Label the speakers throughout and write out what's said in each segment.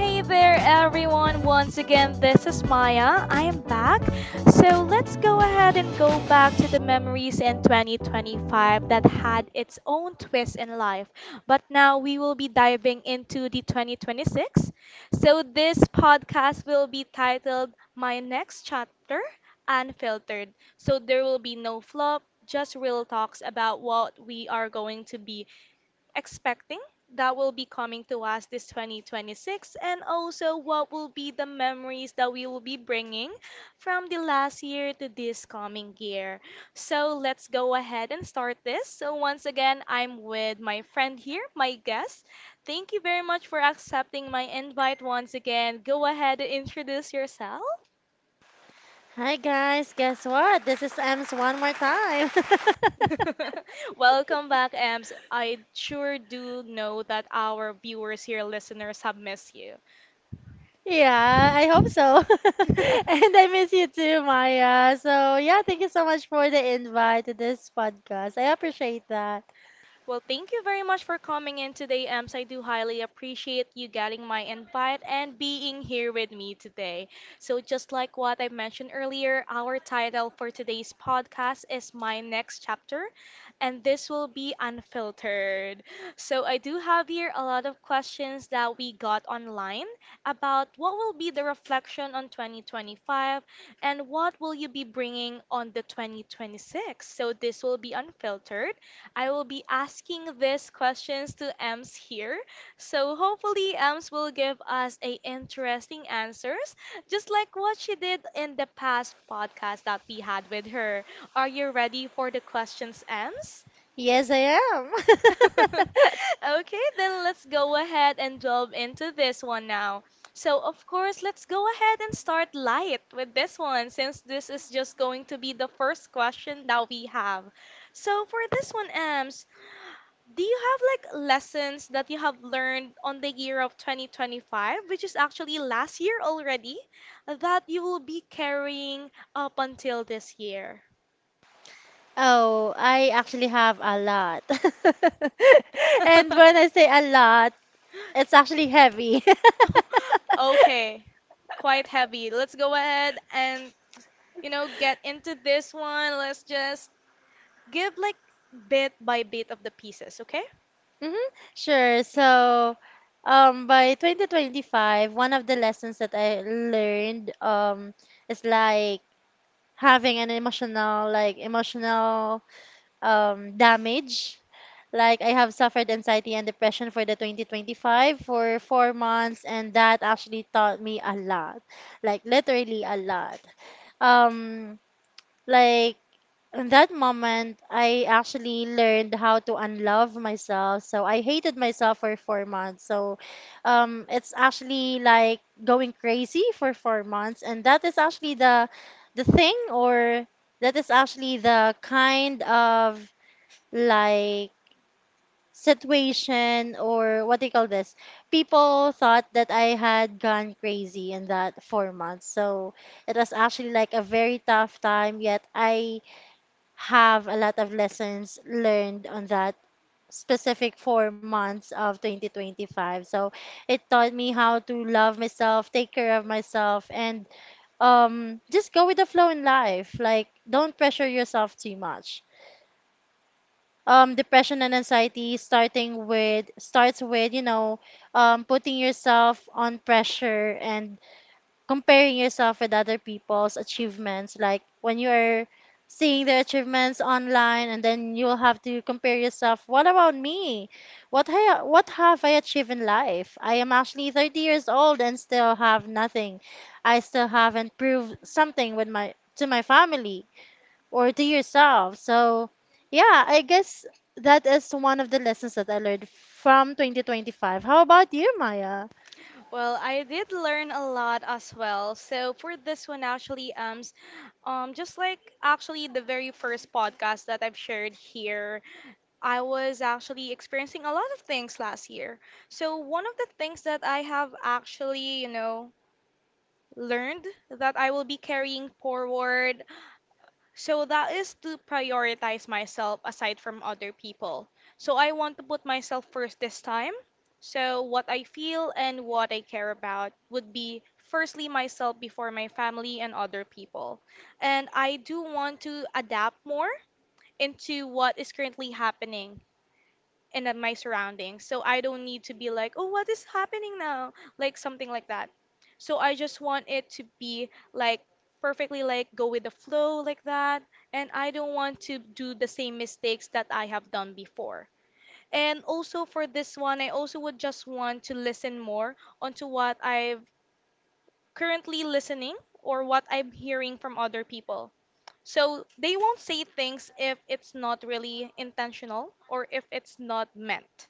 Speaker 1: Hey there, everyone. Once again, this is Maya. I am back. So let's go ahead and go back to the memories in 2025 that had its own twist in life. But now we will be diving into the 2026. So this podcast will be titled My Next Chapter Unfiltered. So there will be no flop, just real talks about what we are going to be expecting that will be coming to us this 2026, and also what will be the memories that we will be bringing from the last year to this coming year. So let's go ahead and start this. So, once again, I'm with my friend here, my guest. Thank you very much for accepting my invite once again. Go ahead and introduce yourself.
Speaker 2: Hi guys, guess what? This is Ems one more time.
Speaker 1: Welcome back, Ems. I sure do know that our viewers here, listeners, have missed you.
Speaker 2: Yeah, I hope so. And I miss you too, Maya. So, yeah, thank you so much for the invite to this podcast. I appreciate that.
Speaker 1: Well, thank you very much for coming in today, Ems. I do highly appreciate you getting my invite and being here with me today. So, just like what I mentioned earlier, our title for today's podcast is My Next Chapter, and this will be unfiltered. So, I do have here a lot of questions that we got online about what will be the reflection on 2025 and what will you be bringing on the 2026. So, this will be unfiltered. I will be asking these questions to Ems here. So hopefully Ems will give us a interesting answers, just like what she did in the past podcast that we had with her. Are you ready for the questions, Ems?
Speaker 2: Yes, I am.
Speaker 1: Okay, then let's go ahead and delve into this one now. So, of course, let's go ahead and start light with this one since this is just going to be the first question that we have. So, for this one, Ems, do you have like lessons that you have learned on the year of 2025, which is actually last year already, that you will be carrying up until this year?
Speaker 2: Oh, I actually have a lot. And when I say a lot, it's actually heavy.
Speaker 1: Okay, quite heavy. Let's go ahead and, you know, get into this one. Let's just give like bit by bit of the pieces, okay?
Speaker 2: Mm-hmm. Sure. So, by 2025, one of the lessons that I learned, is like having an emotional, like emotional, damage. Like I have suffered anxiety and depression for the 2025 for 4 months, and that actually taught me a lot, like literally a lot. Um, like in that moment, I actually learned how to unlove myself. So I hated myself for 4 months. So it's actually like going crazy for 4 months. And that is actually the thing, or that is actually the kind of like situation, or what do you call this? People thought that I had gone crazy in that 4 months. So it was actually like a very tough time, yet I have a lot of lessons learned on that specific 4 months of 2025. So it taught me how to love myself, take care of myself, and just go with the flow in life. Like, don't pressure yourself too much. Depression and anxiety starting with starts with putting yourself on pressure and comparing yourself with other people's achievements, like when you're seeing their achievements online, and then you'll have to compare yourself. What about me? What have I achieved in life? I am actually 30 years old and still have nothing. I still haven't proved something with my to my family or to yourself. So yeah, I guess that is one of the lessons that I learned from 2025. How about you, Maya?
Speaker 1: Well, I did learn a lot as well. So for this one, actually, just like actually the very first podcast that I've shared here, I was actually experiencing a lot of things last year. So one of the things that I have actually, you know, learned that I will be carrying forward so that is to prioritize myself aside from other people. So I want to put myself first this time. So what I feel and what I care about would be firstly myself before my family and other people. And I do want to adapt more into what is currently happening and at my surroundings. So I don't need to be like, oh, what is happening now? Like something like that. So I just want it to be like perfectly like go with the flow like that. And I don't want to do the same mistakes that I have done before. And also for this one, I also would just want to listen more onto what I've currently listening or what I'm hearing from other people. So they won't say things if it's not really intentional or if it's not meant.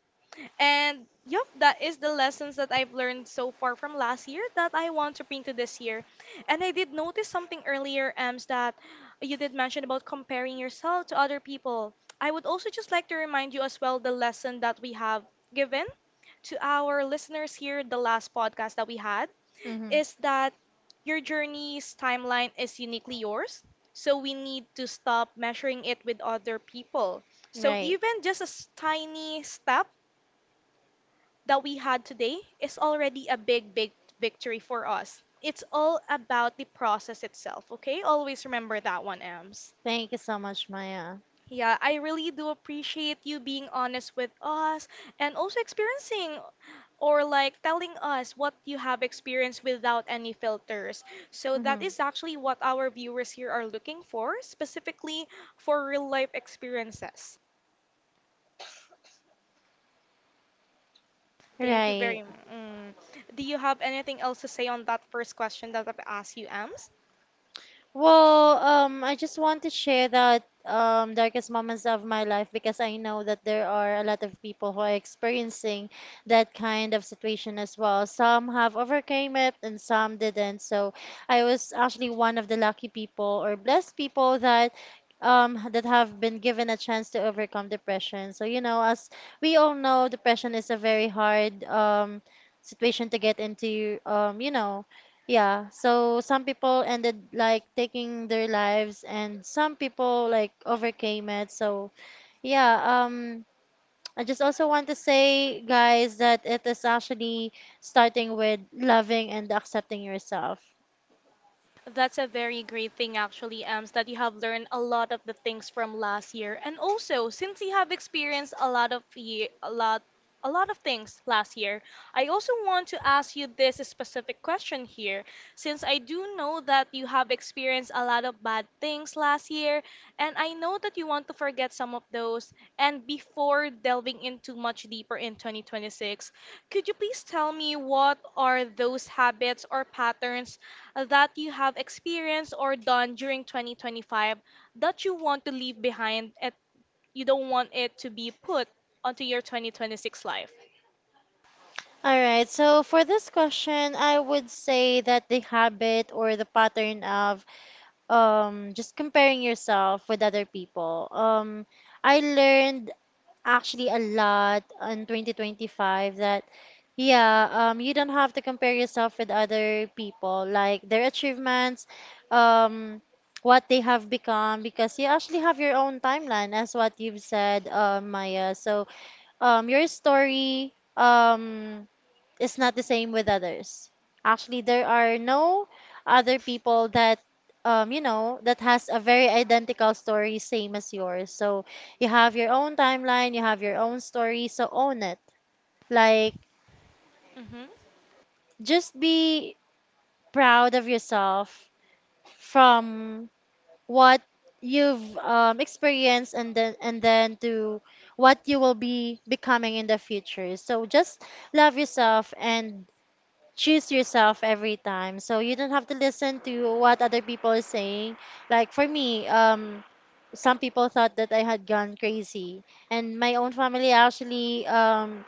Speaker 1: And yep, that is the lessons that I've learned so far from last year that I want to bring to this year. And I did notice something earlier, Ems, that you did mention about comparing yourself to other people. I would also just like to remind you as well the lesson that we have given to our listeners here, the last podcast that we had,
Speaker 2: Hmm.
Speaker 1: is that your journey's timeline is uniquely yours. So we need to stop measuring it with other people. So
Speaker 2: Right.
Speaker 1: even just a tiny step that we had today is already a big, big victory for us. It's all about the process itself, okay? Always remember that one, Ems.
Speaker 2: Thank you so much, Maya.
Speaker 1: Yeah, I really do appreciate you being honest with us and also experiencing or like telling us what you have experienced without any filters. So that
Speaker 2: Mhm.
Speaker 1: is actually what our viewers here are looking for, specifically for real life experiences. Thank you
Speaker 2: Right.
Speaker 1: very much. Do you have anything else to say on that first question that I've asked you, Ems?
Speaker 2: Well, I just want to share that darkest moments of my life, because I know that there are a lot of people who are experiencing that kind of situation as well. Some have overcame it and some didn't. So I was actually one of the lucky people or blessed people that that have been given a chance to overcome depression. So you know, as we all know, depression is a very hard situation to get into. Yeah, so some people ended like taking their lives and some people like overcame it. So, yeah, I just also want to say, guys, that it is actually starting with loving and accepting yourself.
Speaker 1: That's a very great thing actually, Ems, that you have learned a lot of the things from last year. And also, since you have experienced a lot of things last year, I also want to ask you this specific question here, since I do know that you have experienced a lot of bad things last year, and I know that you want to forget some of those. And before delving into much deeper in 2026, could you please tell me what are those habits or patterns that you have experienced or done during 2025 that you want to leave behind and you don't want it to be put onto your 2026 life?
Speaker 2: All right. So for this question, I would say that the habit or the pattern of just comparing yourself with other people. I learned actually a lot in 2025 that yeah you don't have to compare yourself with other people, like their achievements, um what they have become, because you actually have your own timeline, as what you've said, Maya. So your story is not the same with others. Actually, there are no other people that that has a very identical story same as yours. So you have your own timeline, you have your own story, so own it. Like just be proud of yourself from what you've experienced, and then to what you will be becoming in the future. So just love yourself and choose yourself every time. So you don't have to listen to what other people are saying. Like for me, some people thought that I had gone crazy, and my own family actually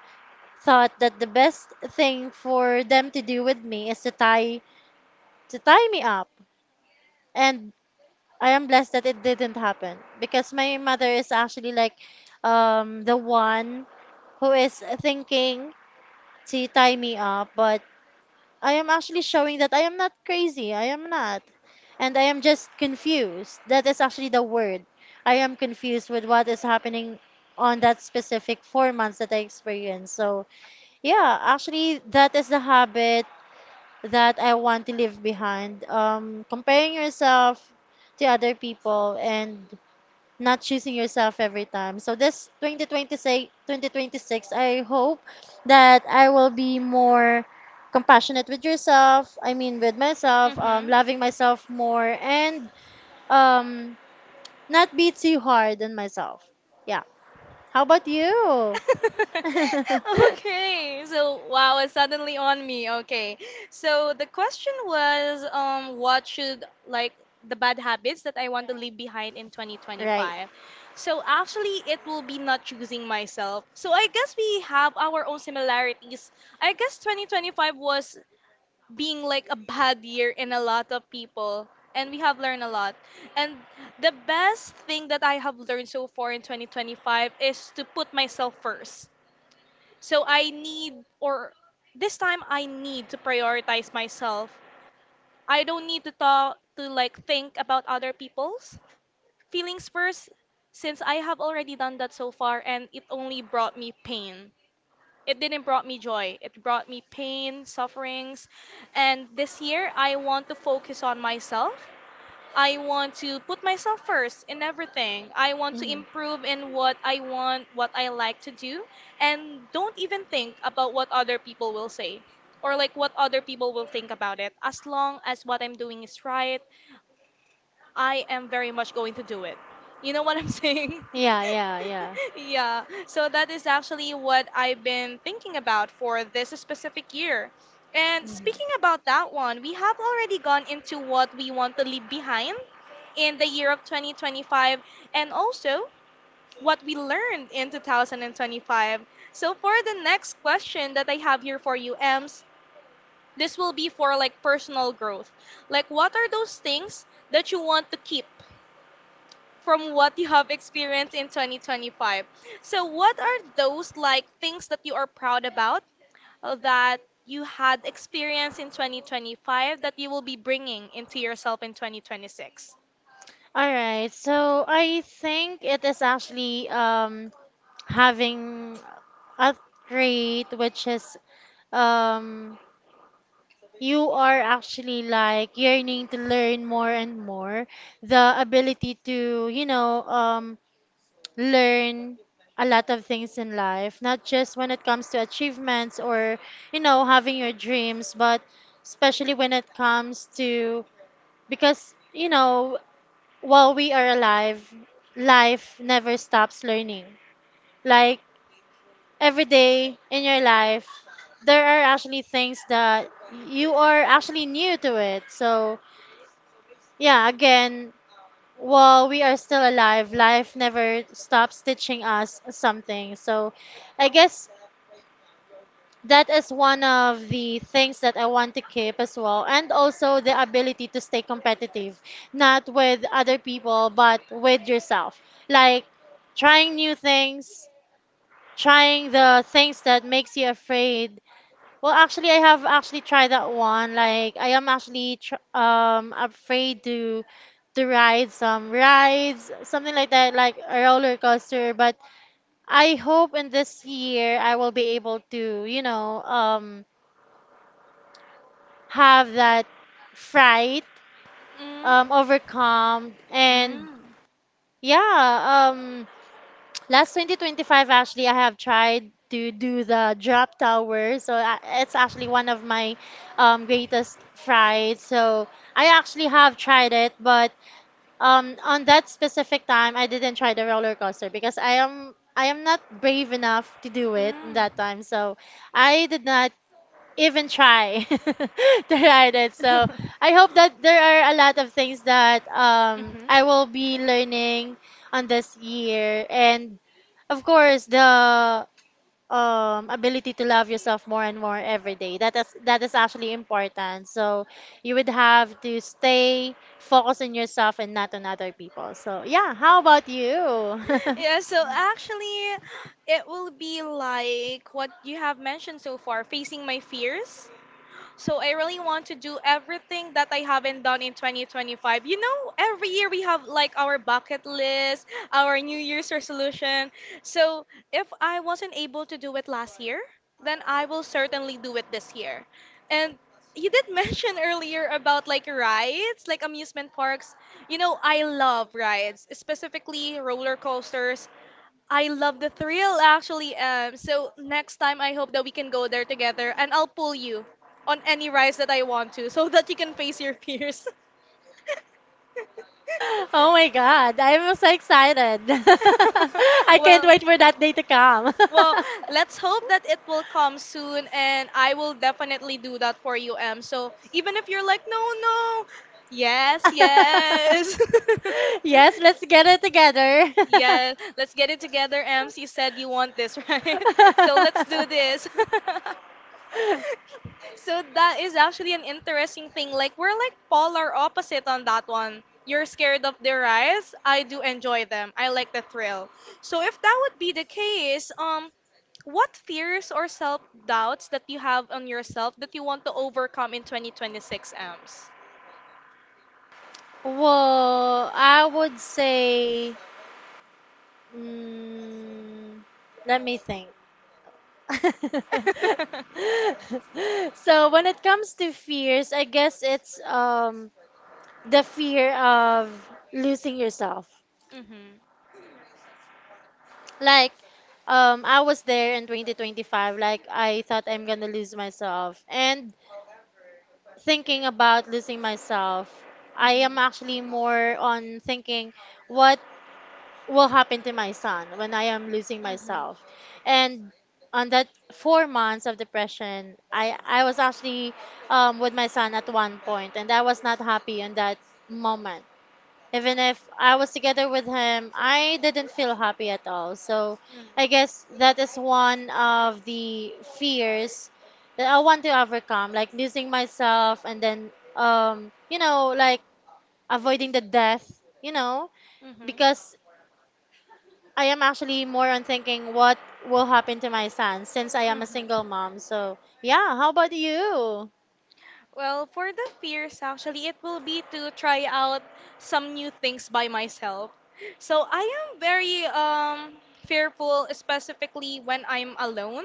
Speaker 2: thought that the best thing for them to do with me is to tie me up. And I am blessed that it didn't happen, because my mother is actually like the one who is thinking to tie me up, but I am actually showing that I am not crazy. I am not. And I am just confused. That is actually the word. I am confused with what is happening on that specific 4 months that I experienced. So, yeah, actually, that is the habit that I want to leave behind. Comparing yourself to other people and not choosing yourself every time. So, this 2026, I hope that I will be more compassionate with yourself, I mean, with myself,
Speaker 1: Mm-hmm. Mm-hmm.
Speaker 2: loving myself more, and um not be too hard on myself. Yeah. How about you?
Speaker 1: Okay, so wow, it's suddenly on me. Okay, so the question was, what should like the bad habits that I want to leave behind in
Speaker 2: Right.
Speaker 1: 2025? So actually, it will be not choosing myself. So I guess we have our own similarities. I guess 2025 was being like a bad year in a lot of people, and we have learned a lot. And the best thing that I have learned so far in 2025 is to put myself first. So I need, or this time I need to prioritize myself. I don't need to talk, to like think about other people's feelings first, since I have already done that so far and it only brought me pain. It didn't brought me joy. It brought me pain, sufferings. And this year I want to focus on myself. I want to put myself first in everything. I want to
Speaker 2: Mhm.
Speaker 1: improve in what I want, what I like to do, and don't even think about what other people will say or like what other people will think about it. As long as what I'm doing is right, I am very much going to do it. You know what I'm saying?
Speaker 2: Yeah, yeah, yeah.
Speaker 1: Yeah. So that is actually what I've been thinking about for this specific year. And speaking about that one, we have already gone into what we want to leave behind in the year of 2025 and also what we learned in 2025. So for the next question that I have here for you, Ems, this will be for like personal growth. Like what are those things that you want to keep from what you have experienced in 2025. So, what are those like things that you are proud about that you had experienced in 2025 that you will be bringing into yourself in 2026?
Speaker 2: All right, so I think it is actually having a trait, which is um, you are actually like yearning to learn more and more, the ability to, you know, learn a lot of things in life, not just when it comes to achievements or, you know, having your dreams, but especially when it comes to, because, you know, while we are alive, life never stops learning. Like every day in your life, there are actually things that you are actually new to it. So, yeah, again, well, we are still alive. Life never stops teaching us something. So I guess that is one of the things that I want to keep as well. And also the ability to stay competitive, not with other people, but with yourself. Like trying new things, trying the things that makes you afraid. Well, actually, I have actually tried that one. Like, I am actually afraid to ride some rides, something like that, like a roller coaster. But I hope in this year I will be able to, you know, have that fright
Speaker 1: Mm.
Speaker 2: overcome, and
Speaker 1: Mm.
Speaker 2: yeah, last 2025, actually, I have tried to do the drop tower. So it's actually one of my greatest frights. So I actually have tried it, but on that specific time, I didn't try the roller coaster because I am not brave enough to do it in
Speaker 1: Mm.
Speaker 2: that time. So I did not even try to ride it. So I hope that there are a lot of things that
Speaker 1: Mhm.
Speaker 2: I will be learning on this year, and of course the ability to love yourself more and more every day. That is actually important. So you would have to stay focused on yourself and not on other people. So yeah, how about you?
Speaker 1: Yeah, so actually, it will be like what you have mentioned so far, facing my fears. So I really want to do everything that I haven't done in 2025. You know, every year we have like our bucket list, our New Year's resolution. So if I wasn't able to do it last year, then I will certainly do it this year. And you did mention earlier about like rides, like amusement parks. You know, I love rides, specifically roller coasters. I love the thrill actually. So next time I hope that we can go there together and I'll pull you on any rides that I want to so that you can face your fears.
Speaker 2: Oh my God, I'm so excited. I can't
Speaker 1: well,
Speaker 2: wait for that day to come.
Speaker 1: well, let's hope that it will come soon and I will definitely do that for you, Em. So even if you're like, no, no, yes, yes.
Speaker 2: Yes, let's get it together.
Speaker 1: Yeah, let's get it together, Ems. You said you want this, right? So let's do this. So that is actually an interesting thing. Like we're like polar opposite on that one. You're scared of the rise. I do enjoy them. I like the thrill. So if that would be the case, what fears or self doubts that you have on yourself that you want to overcome in 2026, Ems?
Speaker 2: Well, I would say, mm, let me think. So when it comes to fears, I guess it's the fear of losing yourself.
Speaker 1: Mhm.
Speaker 2: Like I was there in 2025. Like I thought I'm going to lose myself, and thinking about losing myself, I
Speaker 1: Mhm.
Speaker 2: am actually more on thinking what will happen to my son when I am losing
Speaker 1: Mhm.
Speaker 2: myself. And on that 4 months of depression, I was actually with my son at one point, and I was not happy in that moment. Even if I was together with him, I didn't feel happy at all. So
Speaker 1: Mm.
Speaker 2: I guess that is one of the fears that I want to overcome, like losing myself, and then, you know, like avoiding the death, you know,
Speaker 1: Mhm.
Speaker 2: because I am actually more on thinking what will happen to my son, since I am a single mom. So, yeah, how about
Speaker 1: Mhm.
Speaker 2: you?
Speaker 1: Well, for the fears, actually, it will be to try out some new things by myself. So I am very fearful, specifically when I'm alone.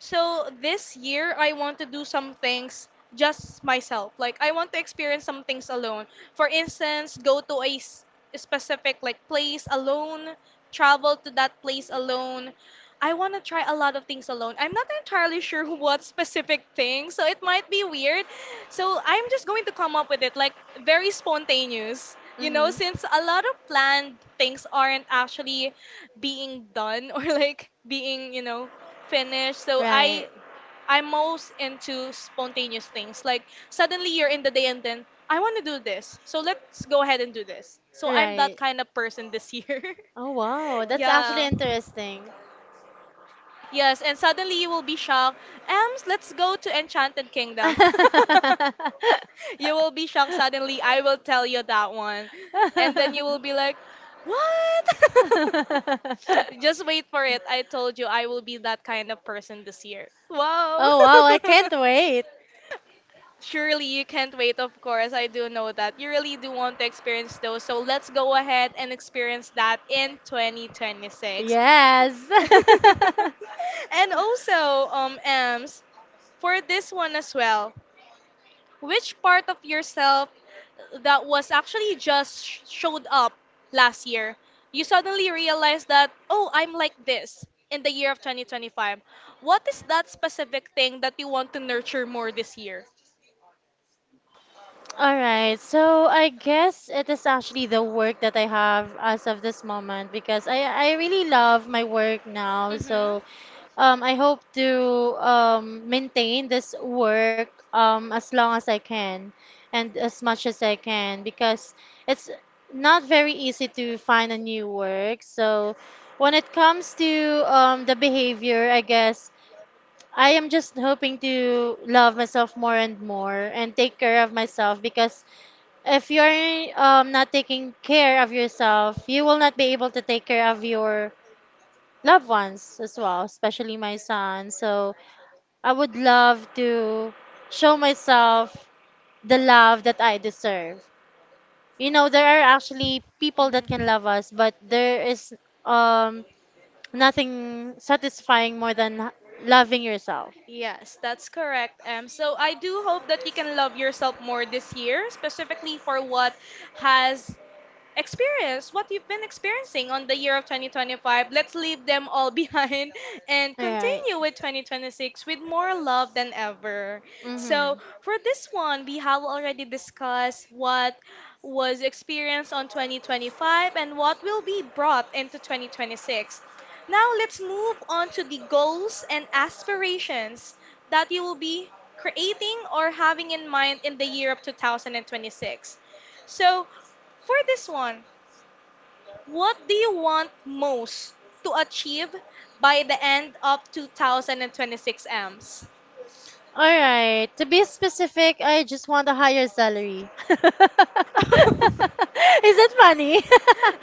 Speaker 1: So this year, I want to do some things just myself. Like I want to experience some things alone. For instance, go to a specific like place alone, travel to that place alone, I want to try a lot of things alone. I'm not entirely sure what specific thing, so it might be weird. So I'm just going to come up with it like very spontaneous. You know,
Speaker 2: Mm-hmm.
Speaker 1: since a lot of planned things aren't actually being done or like being, you know, finished. So
Speaker 2: Right.
Speaker 1: I I'm most into spontaneous things. Like suddenly you're in the day and then I want to do this. So let's go ahead and do this. So I'm that
Speaker 2: Right.
Speaker 1: kind of person this year.
Speaker 2: Oh, wow. That's actually
Speaker 1: Yeah.
Speaker 2: interesting.
Speaker 1: Yes, and suddenly you will be shocked. Ems, let's go to Enchanted Kingdom. You will be shocked suddenly. I will tell you that one. And then you will be like, what? Just wait for it. I told you I will be that kind of person this year. Wow.
Speaker 2: Oh wow, I can't wait.
Speaker 1: Surely you can't wait, of course. I do know that. You really do want to experience those. So let's go ahead and experience that in 2026.
Speaker 2: Yes.
Speaker 1: And also, Ems, for this one as well, which part of yourself that was actually just showed up last year, you suddenly realized that, oh, I'm like this in the year of 2025. What is that specific thing that you want to nurture more this year?
Speaker 2: All right. So I guess it is actually the work that I have as of this moment, because I really love my work now.
Speaker 1: Mm-hmm.
Speaker 2: So I hope to maintain this work as long as I can and as much as I can, because it's not very easy to find a new work. So when it comes to the behavior, I guess I am just hoping to love myself more and more and take care of myself, because if you're not taking care of yourself, you will not be able to take care of your loved ones as well, especially my son. So I would love to show myself the love that I deserve. You know, there are actually people that can
Speaker 1: Mhm.
Speaker 2: love us, but there is um nothing satisfying more than loving yourself.
Speaker 1: Yes, that's correct, Em. So I do hope that you can love yourself more this year, specifically for what has experience what you've been experiencing on the year of 2025. Let's leave them all behind and
Speaker 2: Right.
Speaker 1: continue with 2026 with more love than ever. So,
Speaker 2: Mm-hmm.
Speaker 1: for this one, we have already discussed what was experienced on 2025 and what will be brought into 2026. Now, let's move on to the goals and aspirations that you will be creating or having in mind in the year of 2026. So, for this one, what do you want most to achieve by the end of 2026, M's?
Speaker 2: All right. To be specific, I just want a higher salary. Is it funny?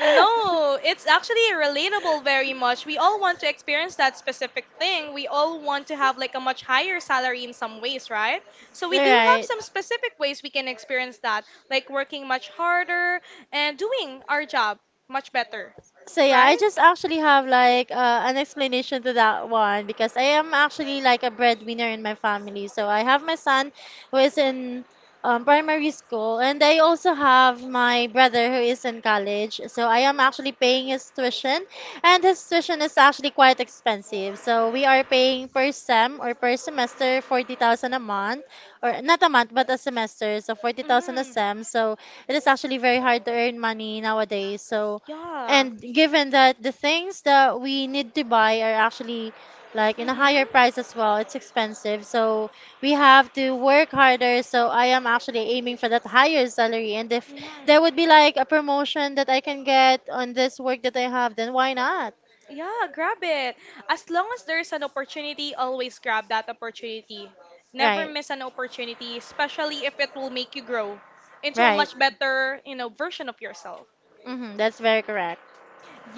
Speaker 1: No, it's actually relatable very much. We all want to experience that specific thing. We all want to have like a much higher salary in some ways, right? So
Speaker 2: All
Speaker 1: we do have
Speaker 2: right.
Speaker 1: some specific ways we can experience that, like working much harder and doing our job much better,
Speaker 2: So yeah, I
Speaker 1: right?
Speaker 2: just actually have like an explanation to that one, because I am actually like a breadwinner in my family. So I have my son who is in primary school, and I also have my brother who is in college. So I am actually paying his tuition, and his tuition is actually quite expensive. So we are paying per sem or per semester 40,000 a month, or not a month but a semester. So 40,000 a
Speaker 1: Mm.
Speaker 2: sem. So it is actually very hard to earn money nowadays. So
Speaker 1: Yeah.
Speaker 2: and given that the things that we need to buy are actually like in a
Speaker 1: Mhm.
Speaker 2: higher price as well, it's expensive. So we have to work harder. So I am actually aiming for that higher salary. And if
Speaker 1: Mhm.
Speaker 2: there would be like a promotion that I can get on this work that I have, then why not?
Speaker 1: Yeah, grab it. As long as there's an opportunity, always grab that opportunity. Never
Speaker 2: Right.
Speaker 1: miss an opportunity, especially if it will make you grow into a
Speaker 2: Right.
Speaker 1: much better, you know, version of yourself.
Speaker 2: Mm-hmm, that's very correct.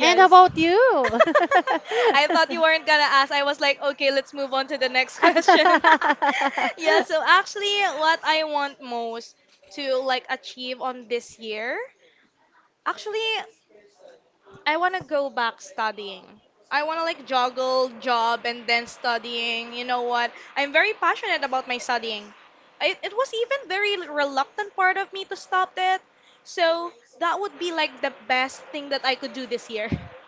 Speaker 2: And how about you?
Speaker 1: I thought you weren't gonna ask. I was like, okay, let's move on to the next question. Yeah, so actually, what I want most to like achieve on this year, actually, I want to go back studying. I want to like juggle job and then studying. You know what? I'm very passionate about my studying. It was even very reluctant part of me to stop that. So that would be like the best thing that I could do this year.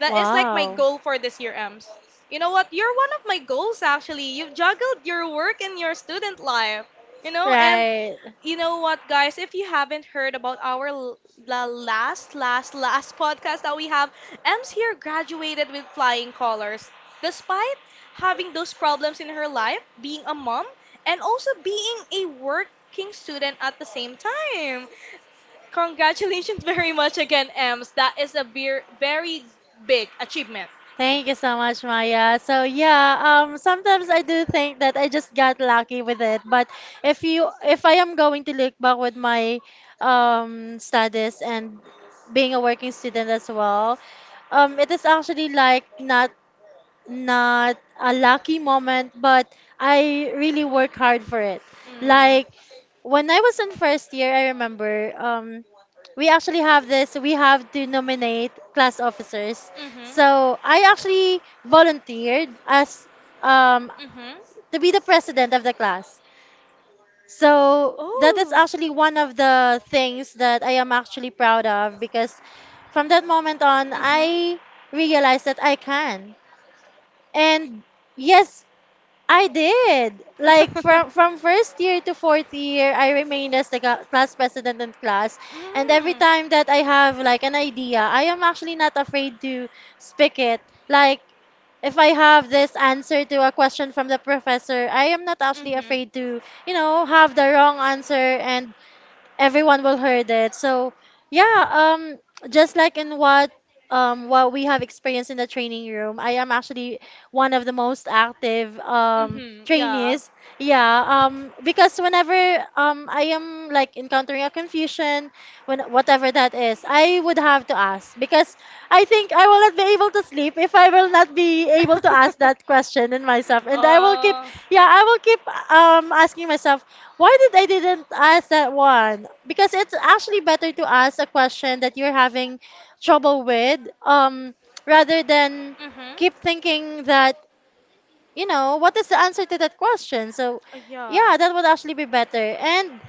Speaker 1: That is like my
Speaker 2: Wow.
Speaker 1: goal for this year, Ems. You know what? You're one of my goals actually. You've juggled your work and your student life. You know, and
Speaker 2: Right.
Speaker 1: you know what, guys? If you haven't heard about our la last, last, last podcast that we have, Ems here graduated with flying colors. Despite having those problems in her life, being a mom, and also being a working student at the same time. Congratulations very much again, Ems. That is a very big achievement.
Speaker 2: Thank you so much, Maya. So yeah, sometimes I do think that I just got lucky with it. But if I am going to look back with my studies and being a working student as well, it is actually like not a lucky moment, but I really work hard for it.
Speaker 1: Mm.
Speaker 2: Like when I was in first year, I remember, we actually have this. We have to nominate class officers.
Speaker 1: Mm-hmm.
Speaker 2: So I actually volunteered as um,
Speaker 1: Mm-hmm.
Speaker 2: to be the president of the class. So that is
Speaker 1: Oh.
Speaker 2: actually one of the things that I am actually proud of because from that moment on,
Speaker 1: Mhm.
Speaker 2: I realized that I can. And yes, I did. Like from from first year to fourth year, I remained as the class president in class. And every
Speaker 1: Mm.
Speaker 2: time that I have like an idea, I am actually not afraid to speak it. Like if I have this answer to a question from the professor, I am not actually
Speaker 1: Mhm.
Speaker 2: afraid to, you know, have the wrong answer and everyone will heard it. So yeah, um, just like in what we have experienced in the training room, I am actually one of the most active
Speaker 1: Mhm. Yeah.
Speaker 2: trainees. Yeah, because whenever I am like encountering a confusion, when whatever that is, I would have to ask because I think I will not be able to sleep if I will not be able to ask that question in myself, and I will
Speaker 1: Oh.
Speaker 2: keep asking myself why did I didn't ask that one? Because it's actually better to ask a question that you're having trouble with, um, rather than
Speaker 1: Mm-hmm.
Speaker 2: keep thinking that, you know, what is the answer to that question? So,
Speaker 1: Yeah.
Speaker 2: yeah, that would actually be better. And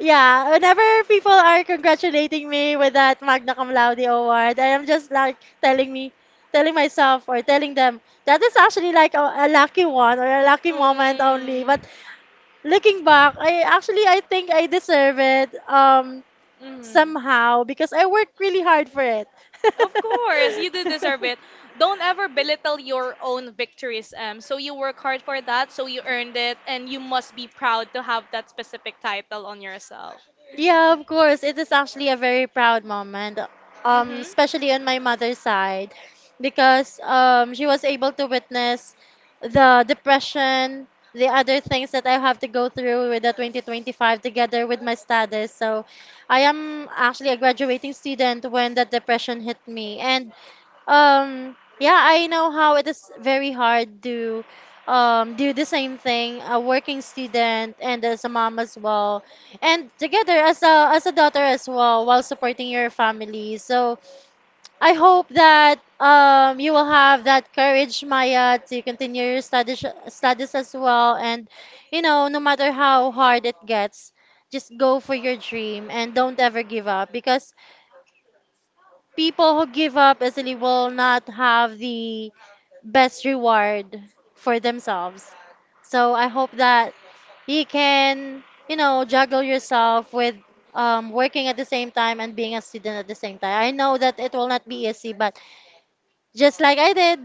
Speaker 2: yeah, whenever people are congratulating me with that Magna Cum Laude award, I am just like telling me, telling myself or telling them that is actually like a lucky one or a lucky moment only. But
Speaker 1: Um,
Speaker 2: looking back, I think I deserve it.
Speaker 1: mm.
Speaker 2: Somehow because I worked really hard for it.
Speaker 1: Of course, you do deserve it. Don't ever belittle your own victories. So you work hard for that, so you earned it, and you must be proud to have that specific title on yourself.
Speaker 2: Yeah, of course. It is actually a very proud moment,
Speaker 1: Mm-hmm.
Speaker 2: especially on my mother's side, because she was able to witness the depression, the other things that I have to go through with the 2025 together with my studies. So I am actually a graduating student when that depression hit me. And yeah, I know how it is very hard to, do the same thing, a working student and as a mom as well, and together as a daughter as well, while supporting your family. So I hope that, you will have that courage, Maya, to continue your studies, studies as well. And, you know, no matter how hard it gets, just go for your dream and don't ever give up because people who give up easily will not have the best reward for themselves. So I hope that you can, you know, juggle yourself with, working at the same time and being a student at the same time. I know that it will not be easy, but just like I did,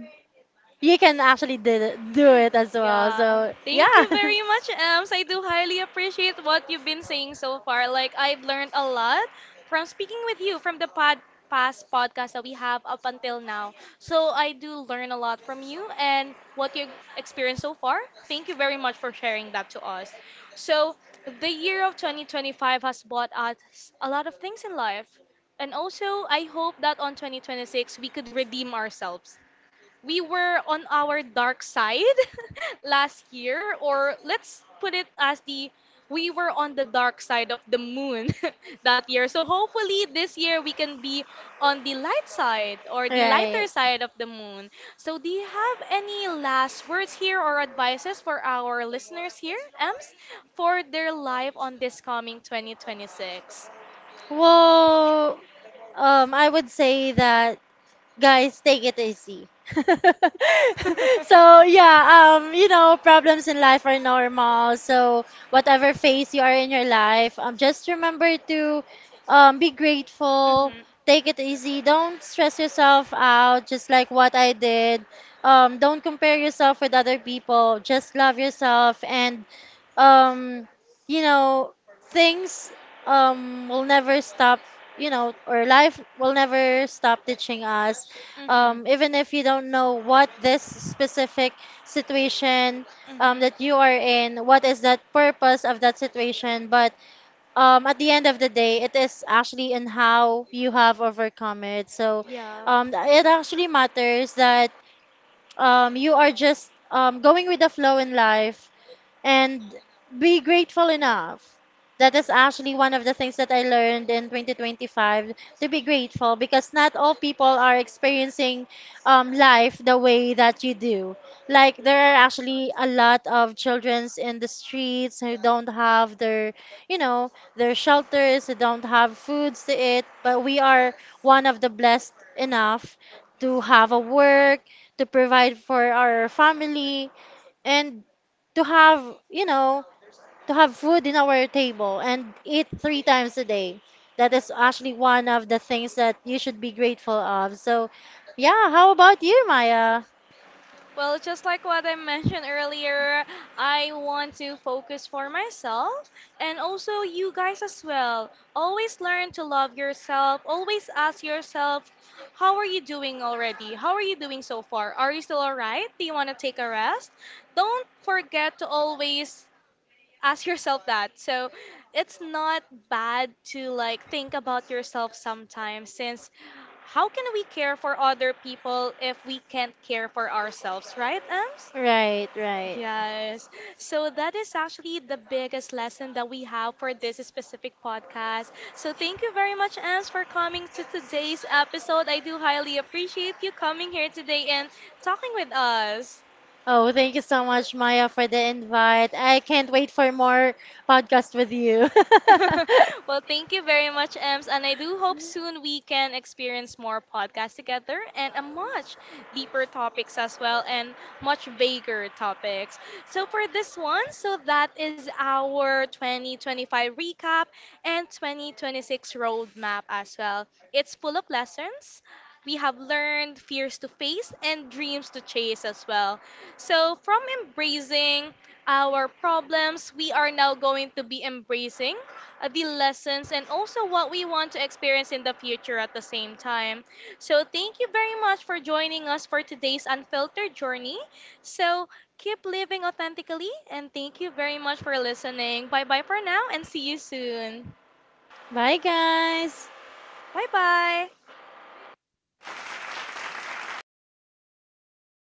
Speaker 2: you can actually did it, do it as well.
Speaker 1: Yeah.
Speaker 2: So
Speaker 1: Thank
Speaker 2: yeah.
Speaker 1: you very much, Ems. I do highly appreciate what you've been saying so far. Like, I've learned a lot from speaking with you from the pod past podcast that we have up until now. So, I do learn a lot from you and what you experienced so far. Thank you very much for sharing that to us. So, the year of 2025 has brought us a lot of things in life. And also, I hope that on 2026, we could redeem ourselves, we were on our dark side last year, or let's put it as the we were on the dark side of the moon that year. So hopefully this year we can be on the light side or the lighter
Speaker 2: Right.
Speaker 1: side of the moon. So do you have any last words here or advices for our listeners here, Ems, for their life on this coming 2026?
Speaker 2: Well, I would say that guys take it easy. So yeah, you know, problems in life are normal. So whatever phase you are in your life, just remember to, be grateful,
Speaker 1: Mhm.
Speaker 2: take it easy, don't stress yourself out, just like what I did. Don't compare yourself with other people, just love yourself. And um you know, things will never stop. You know, or life will never stop teaching us,
Speaker 1: Mhm.
Speaker 2: even if you don't know what this specific situation,
Speaker 1: Mm-hmm.
Speaker 2: that you are in, what is that purpose of that situation. But at the end of the day, it is actually in how you have overcome it. So
Speaker 1: Yeah.
Speaker 2: it actually matters that you are just going with the flow in life and be grateful enough. That is actually one of the things that I learned in 2025, to be grateful, because not all people are experiencing, life the way that you do. Like, there are actually a lot of children in the streets who don't have their, you know, their shelters, who don't have foods to eat, but we are one of the blessed enough to have a work, to provide for our family, and to have, you know, to have food in our table and eat three times a day. That is actually one of the things that you should be grateful of. So yeah, how about you, Maya?
Speaker 1: Well, just like what I mentioned earlier, I want to focus for myself and also you guys as well. Always learn to love yourself. Always ask yourself, how are you doing already? How are you doing so far? Are you still alright? Do you want to take a rest? Don't forget to always ask yourself that. So it's not bad to like think about yourself sometimes since how can we care for other people if we can't care for ourselves, right, Ems?
Speaker 2: Right, right.
Speaker 1: Yes. So that is actually the biggest lesson that we have for this specific podcast. So thank you very much, Ems, for coming to today's episode. I do highly appreciate you coming here today and talking with us.
Speaker 2: Oh, thank you so much, Maya, for the invite. I can't wait for more podcast with you.
Speaker 1: Well, thank you very much, Ems. And I do hope soon we can experience more podcasts together and a much deeper topics as well and much bigger topics. So for this one, so that is our 2025 recap and 2026 roadmap as well. It's full of lessons. We have learned fears to face and dreams to chase as well. So, from embracing our problems, we are now going to be embracing the lessons, and also what we want to experience in the future at the same time. So, thank you very much for joining us for today's unfiltered journey. So, keep living authentically, and thank you very much for listening. Bye bye for now, and see you soon.
Speaker 2: Bye, guys.
Speaker 1: Bye bye.